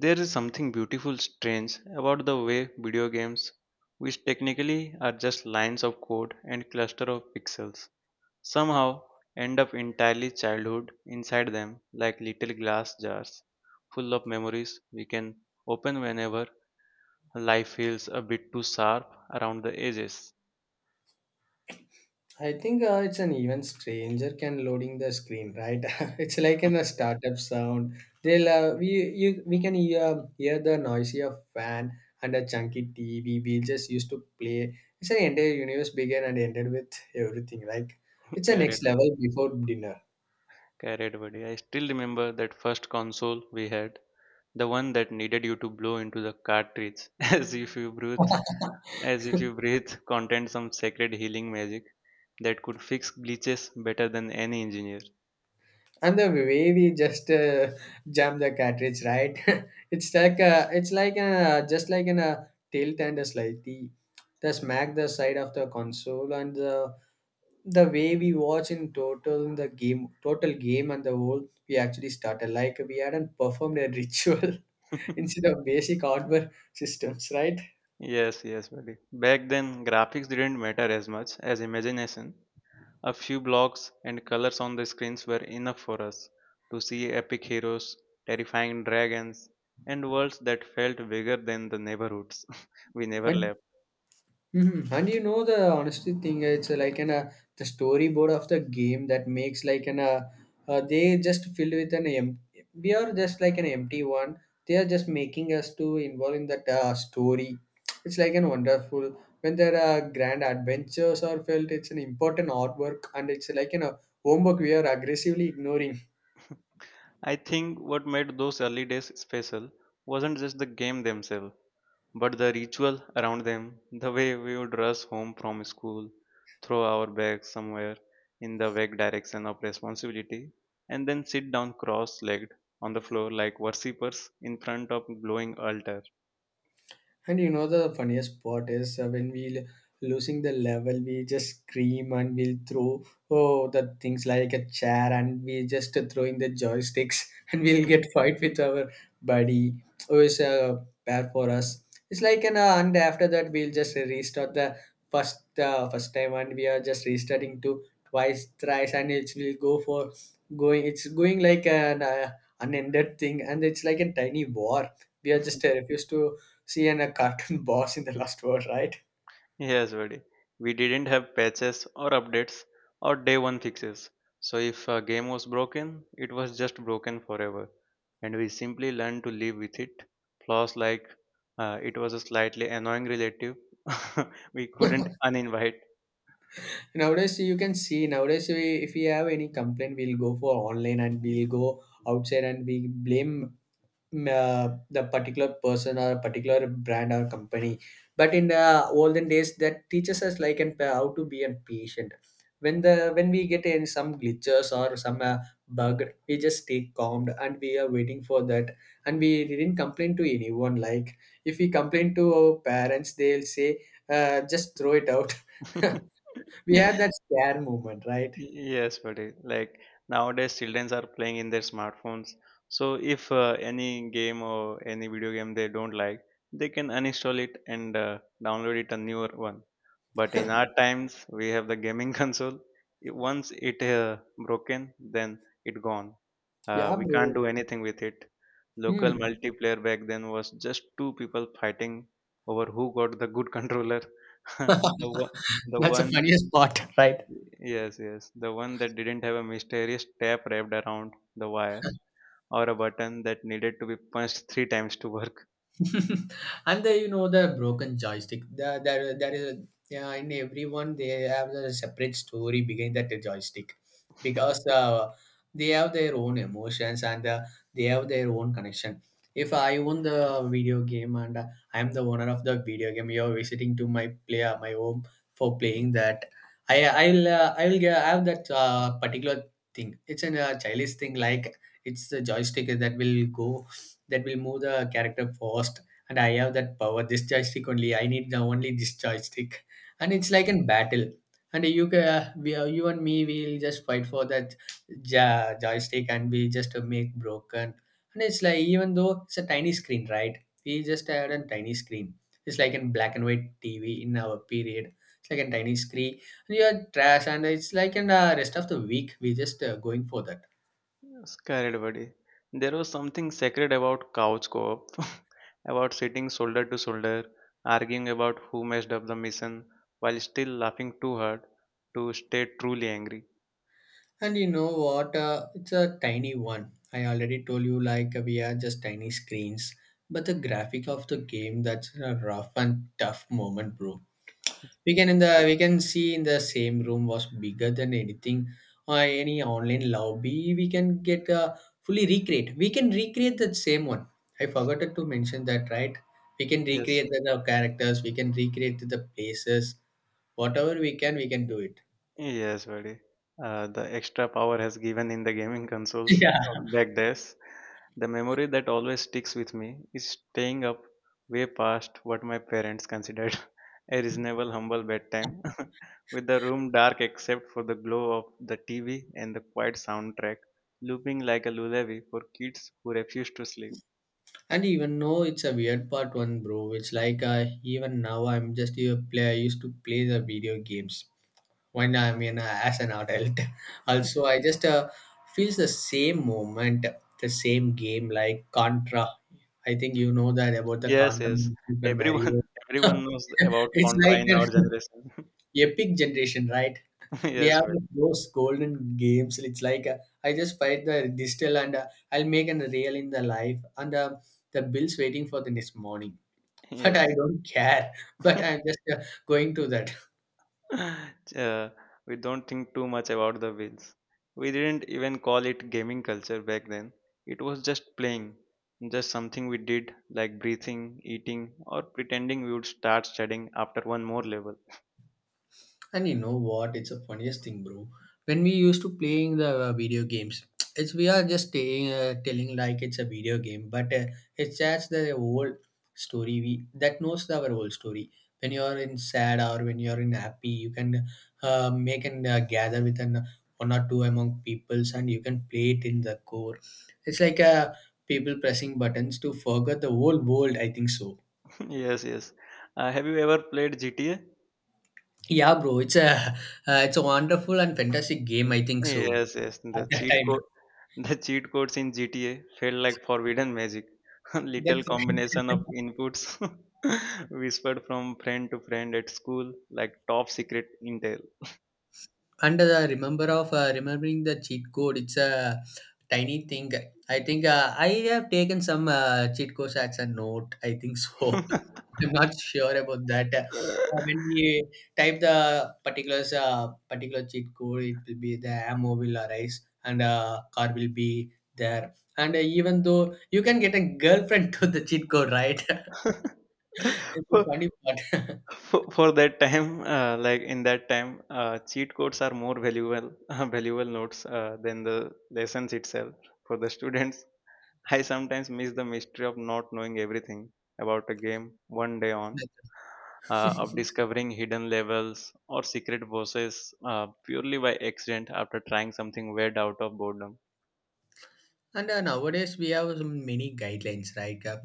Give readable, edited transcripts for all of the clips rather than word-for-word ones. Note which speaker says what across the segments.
Speaker 1: There is something beautiful strange about the way video games, which technically are just lines of code and cluster of pixels, somehow end up entirely childhood inside them like little glass jars full of memories we can open whenever life feels a bit too sharp around the edges.
Speaker 2: I think it's an even stranger can loading the screen, right? It's like in a startup sound. They'll uh, we we can hear the noisy of fan and a chunky TV. We just used to play. It's an entire universe began and ended with everything. Like it's a
Speaker 1: Carried,
Speaker 2: next level before dinner.
Speaker 1: carried buddy. I still remember that first console we had, the one that needed you to blow into the cartridge as if you breathe Contained some sacred healing magic that could fix glitches better than any engineer.
Speaker 2: And the way we just jam the cartridge right. Just like in a tilt and a slightly the smack the side of the console and the way we watch in total the game total game and the whole we actually started like we hadn't performed a ritual. Instead of basic hardware systems, right?
Speaker 1: Yes, yes, buddy. Back then, graphics didn't matter as much as imagination. A few blocks and colors on the screens were enough for us to see epic heroes, terrifying dragons, and worlds that felt bigger than the neighborhoods we never
Speaker 2: And
Speaker 1: left.
Speaker 2: mhm. And you know the honesty thing, it's like an the storyboard of the game that makes like an they just filled with an empty. We are just like an empty one. They are just making us to involve in that story. It's like an wonderful when there are grand adventures are felt. It's an important artwork and it's like an homework we are aggressively ignoring.
Speaker 1: I think what made those early days special wasn't just the game themselves, but the ritual around them, the way we would rush home from school, throw our bags somewhere in the vague direction of responsibility, and then sit down cross legged on the floor like worshippers in front of glowing altar.
Speaker 2: And you know the funniest part is when losing the level, we just scream and we'll throw oh the things like a chair and we just throwing the joysticks. And we'll get fight with our buddy who is bad for us. It's like an and after that we'll just restart the first time and we are just restarting to twice thrice and it will go for going. It's going like an unended thing and it's like a tiny war. We are just refused to see and a cartoon boss in the last word, right?
Speaker 1: Yes, buddy. We didn't have patches or updates or day one fixes. So if a game was broken, it was just broken forever. And we simply learned to live with it. Flaws like it was a slightly annoying relative we couldn't uninvite.
Speaker 2: Nowadays, you can see nowadays we, if we have any complaint, we'll go for online and we'll go outside and we blame the particular person or a particular brand or company, but in the olden days that teaches us like and how to be a patient when the when we get in some glitches or some bug. We just stay calmed and we are waiting for that and we didn't complain to anyone. Like if we complain to our parents, they'll say just throw it out. We have that scare moment, right?
Speaker 1: Yes, buddy. Like nowadays, children are playing in their smartphones. So if any game or any video game they don't like, they can uninstall it and download it a newer one. But in our times, we have the gaming console. Once it broken, then it gone.
Speaker 2: Yeah,
Speaker 1: We can't
Speaker 2: bro.
Speaker 1: do anything with it. Local
Speaker 2: Hmm.
Speaker 1: multiplayer back then was just two people fighting over who got the good controller. The one, the
Speaker 2: That's the
Speaker 1: one
Speaker 2: funniest part, right?
Speaker 1: yes, yes. The one that didn't have a mysterious tape wrapped around the wire or a button that needed to be punched three times to work.
Speaker 2: And the you know the broken joystick there is a yeah, in everyone they have a separate story behind that joystick because they have their own emotions and they have their own connection. If I own the video game and I am the owner of the video game, you're visiting to my player my home for playing that. I i'll uh, i'll g- have that particular thing. It's a childish thing. Like it's the joystick that will go that will move the character fast, and I have that power. This joystick only. I need the only this joystick, and it's like in battle. And you and me, we'll just fight for that joystick, and we just make broken. And it's like even though it's a tiny screen, right? We just had a tiny screen. It's like in black and white TV in our period. It's like a tiny screen. And you are trash, and it's like in the rest of the week we just going for that.
Speaker 1: Scared buddy. There was something sacred about couch co-op, about sitting shoulder to shoulder, arguing about who messed up the mission while still laughing too hard to stay truly angry.
Speaker 2: And you know what? It's a tiny one. I already told you, like, we are just tiny screens. But the graphic of the game, that's a rough and tough moment, bro. We can in the we can see in the same room was bigger than anything or any online lobby. We can get fully recreate. We can recreate that same one. I forgot to mention that, right? We can
Speaker 1: Yes.
Speaker 2: recreate the characters. We can recreate the places. Whatever we can do it.
Speaker 1: Yes, buddy. The extra power has given in the gaming consoles
Speaker 2: Yeah.
Speaker 1: on back days. The memory that always sticks with me is staying up way past what my parents considered a reasonable, humble bedtime, with the room dark except for the glow of the TV and the quiet soundtrack looping like a lullaby for kids who refuse to sleep.
Speaker 2: And even know it's a weird part one, bro. It's like even now I'm just a player. I used to play the video games when I mean as an adult. Also, I just feels the same moment, the same game like Contra. I think you know that about the
Speaker 1: Yes,
Speaker 2: Contra,
Speaker 1: yes.
Speaker 2: Super
Speaker 1: Everyone,
Speaker 2: Mario.
Speaker 1: everyone knows about
Speaker 2: It's
Speaker 1: Contra
Speaker 2: like
Speaker 1: in
Speaker 2: an
Speaker 1: our generation.
Speaker 2: epic generation, right? We
Speaker 1: Yes,
Speaker 2: have
Speaker 1: well,
Speaker 2: those golden games. It's like I just fight the digital and I'll make an real in the life and the bills waiting for the next morning. But I
Speaker 1: yes.
Speaker 2: don't care. But I'm just going to that.
Speaker 1: Uh, we don't think too much about the wheels. We didn't even call it gaming culture back then. It was just playing, just something we did like breathing, eating, or pretending we would start studying after one more level.
Speaker 2: And you know what? It's the funniest thing, bro. When we used to playing the video games, it's we are just staying, telling like it's a video game, but it's just the whole story. We that knows our whole story. When you are in sad or when you are in happy, you can make and gather with an one or two among peoples, and you can play it in the core. It's like people pressing buttons to forget the whole world. I think so.
Speaker 1: Yes, yes. Have you ever played GTA?
Speaker 2: Yeah, bro. It's a it's a wonderful and fantastic game. I think so.
Speaker 1: Yes, yes.
Speaker 2: At
Speaker 1: The
Speaker 2: that
Speaker 1: cheat
Speaker 2: time.
Speaker 1: code, the cheat codes in GTA felt like forbidden magic. Little
Speaker 2: That's right.
Speaker 1: combination of inputs whispered from friend to friend at school, like top secret intel.
Speaker 2: And remember of remembering the cheat code, it's a tiny thing. I think I have taken some cheat codes as a note, I think so. I'm not sure about that. Uh, when we type the particulars uh, particular cheat code, it will be the ammo will arise and car will be there, and even though you can get a girlfriend to the cheat code, right? It's a
Speaker 1: for,
Speaker 2: funny part.
Speaker 1: for that time, like in that time, cheat codes are more valuable, valuable notes than the lessons itself for the students. I sometimes miss the mystery of not knowing everything about a game one day on,
Speaker 2: That's-
Speaker 1: of discovering hidden levels or secret bosses purely by accident after trying something weird out of boredom.
Speaker 2: And nowadays we have some many guidelines, right? Uh,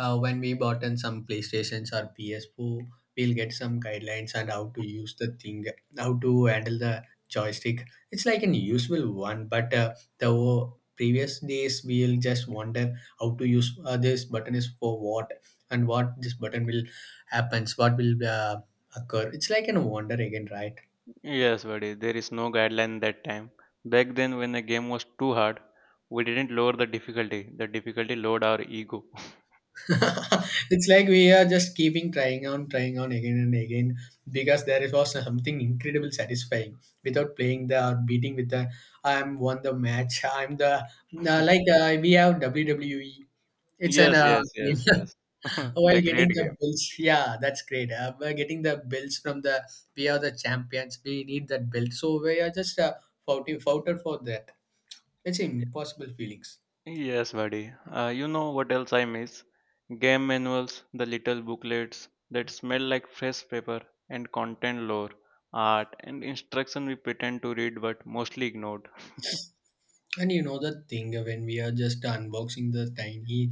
Speaker 2: uh, When we bought in some PlayStations or PS4, we'll get some guidelines and how to use the thing, how to handle the joystick. It's like an useful one, but the previous days we'll just wonder how to use this button is for what and what this button will happens, what will occur. It's like an wonder again, right?
Speaker 1: Yes, buddy, there is no guideline that time. Back then, when a game was too hard, we didn't lower the difficulty. The difficulty lowered our ego.
Speaker 2: It's like we are just keeping trying on, trying on again and again because there is was something incredible satisfying without playing the or beating with the I'm won the match. I'm the no, like we have WWE. It's an
Speaker 1: Yes, yes, yes, yes.
Speaker 2: while
Speaker 1: The great
Speaker 2: getting the
Speaker 1: game.
Speaker 2: bills. Yeah, that's great. By getting the bills from the we are the champions. We need that belt. So we are just fought foughter for that. It's impossible feelings.
Speaker 1: Yes, buddy. You know what else I miss? Game manuals, the little booklets that smell like fresh paper, and content lore, art, and instruction we pretend to read but mostly ignored.
Speaker 2: And you know the thing when we are just unboxing the tiny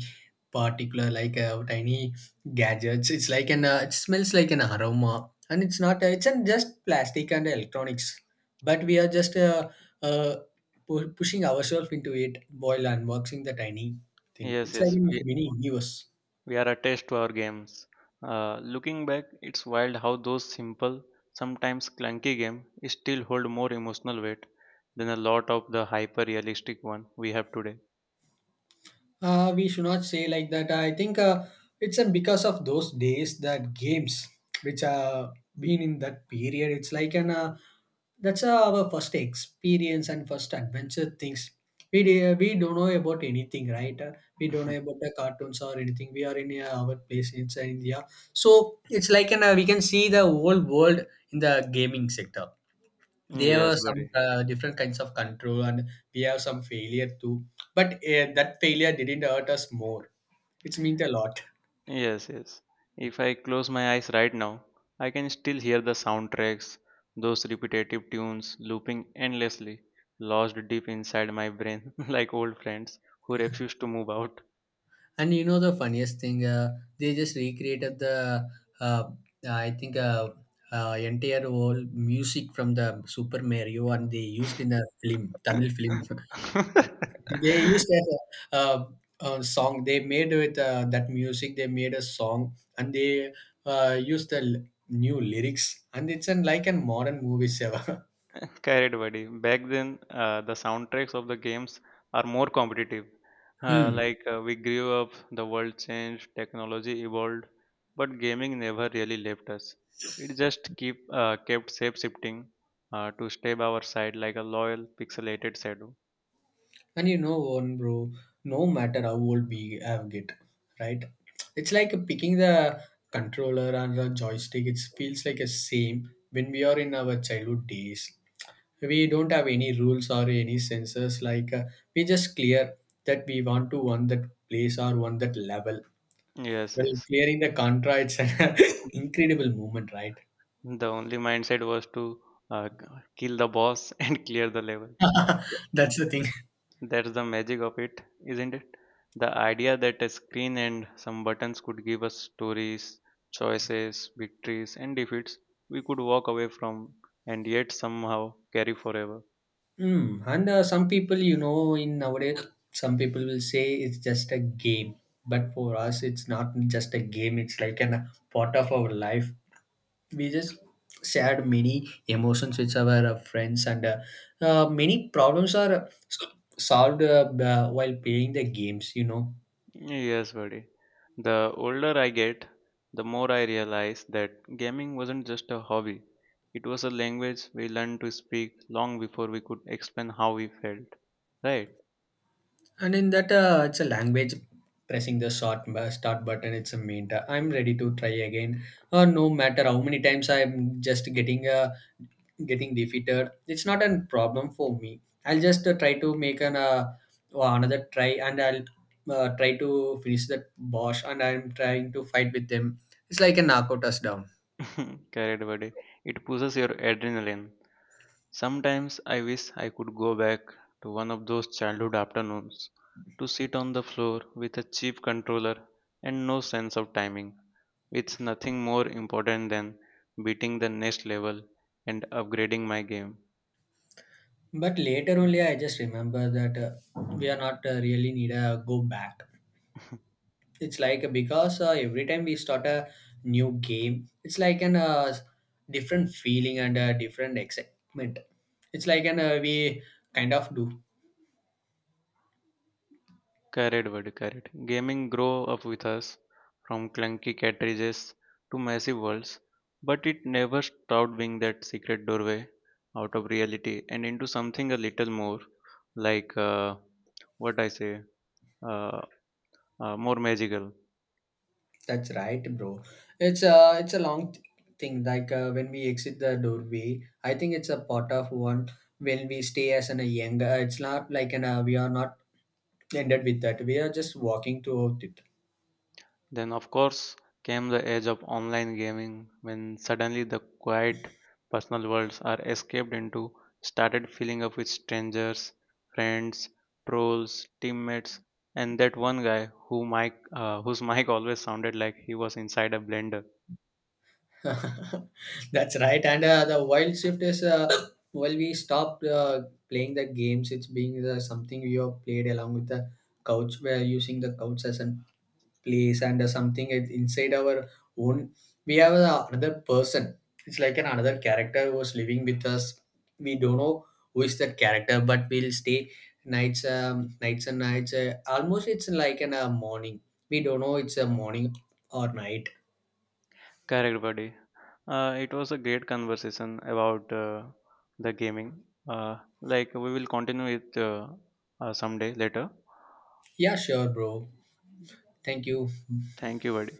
Speaker 2: particular like tiny gadgets, it's like an it smells like an aroma, and it's not it's an just plastic and electronics, but we are just uh, pushing ourselves into it while unboxing the tiny thing.
Speaker 1: Yes,
Speaker 2: It's like
Speaker 1: yes.
Speaker 2: a mini universe.
Speaker 1: We are attached to our games. Looking back, it's wild how those simple, sometimes clunky games still hold more emotional weight than a lot of the hyper realistic one we have today.
Speaker 2: We should not say like that. I think it's because of those days that games which are been in that period. It's like an that's our first experience and first adventure things. We do, we don't know about anything, right? We don't know about the cartoons or anything. We are in our place inside India, so it's like an we can see the whole world in the gaming sector. They have
Speaker 1: Yes, buddy.
Speaker 2: some different kinds of control and we have some failure too, but that failure didn't hurt us more. It's meant a lot.
Speaker 1: Yes, yes. If I close my eyes right now, I can still hear the soundtracks, those repetitive tunes looping endlessly, lodged deep inside my brain, like old friends who refuse to move out.
Speaker 2: And you know the funniest thing they just recreated the uh, I think entire whole music from the Super Mario and they used in the film Tamil film. They used as a, uh, a song. They made with that music. They made a song and they used new lyrics. And it's an, like a modern movie ever.
Speaker 1: Carried buddy. Back then, the soundtracks of the games are more competitive.
Speaker 2: Hmm.
Speaker 1: Like we grew up, the world changed, technology evolved, but gaming never really left us. It just keep kept shape shifting to stay by our side like a loyal pixelated shadow.
Speaker 2: And you know one, bro. No matter how old we have get, right? It's like picking the controller and the joystick. It feels like a same when we are in our childhood days. We don't have any rules or any sensors like we just clear that we want to one that place or one that level.
Speaker 1: Yes,
Speaker 2: Well
Speaker 1: yes.
Speaker 2: clearing the Contra, it's an incredible moment, right?
Speaker 1: The only mindset was to uh, k- kill the boss and clear the level.
Speaker 2: That's the thing.
Speaker 1: That's the magic of it, isn't it? The idea that a screen and some buttons could give us stories, choices, victories, and defeats we could walk away from and yet somehow carry forever.
Speaker 2: Mm, and some people you know in nowadays some people will say it's just a game, but for us it's not just a game. It's like an a part of our life. We just shared many emotions with our friends and many problems are solved while playing the games, you know.
Speaker 1: Yes, buddy. The older I get, the more I realize that gaming wasn't just a hobby. It was a language we learned to speak long before we could explain how we felt. Right?
Speaker 2: And in that it's a language. Pressing the start button, it's a I'm ready to try again. Uh, no matter how many times I'm just getting defeated, it's not a problem for me. I'll just try to make an another try, and I'll try to finish that boss and I'm trying to fight with them. It's like a knockout us down.
Speaker 1: Correct, buddy. It pushes your adrenaline. Sometimes I wish I could go back to one of those childhood afternoons to sit on the floor with a cheap controller and no sense of timing, with nothing more important than beating the next level and upgrading my game.
Speaker 2: But later only I just remember that we are not really need a go back. It's like because every time we start a new game, it's like an different feeling and a different excitement. It's like an we kind of do.
Speaker 1: Carried word carried. Gaming grew up with us from clunky cartridges to massive worlds, but it never stopped being that secret doorway out of reality and into something a little more like what I say uh, more magical.
Speaker 2: That's right, bro. It's a long thing. Like when we exit the doorway, I think it's a part of one. When we stay as an a younger, it's not like an we are not ended with that. We are just walking throughout it.
Speaker 1: Then, of course, came the age of online gaming when suddenly the quiet personal worlds are escaped into started filling up with strangers, friends, trolls, teammates, and that one guy who whose mic always sounded like he was inside a blender.
Speaker 2: That's right. And the wild shift is while we stopped playing the games, it's being the something you have played along with the couch. We're using the couch as a place and something inside our own we have a another person. It's like an another character who was living with us. We don't know who is that character, but we'll stay nights. Um, nights and nights almost it's like an a morning. We don't know it's a morning or night.
Speaker 1: Correct, buddy. It was a great conversation about the gaming. Like we will continue it someday later.
Speaker 2: Yeah, sure, bro. Thank you.
Speaker 1: Thank you, buddy.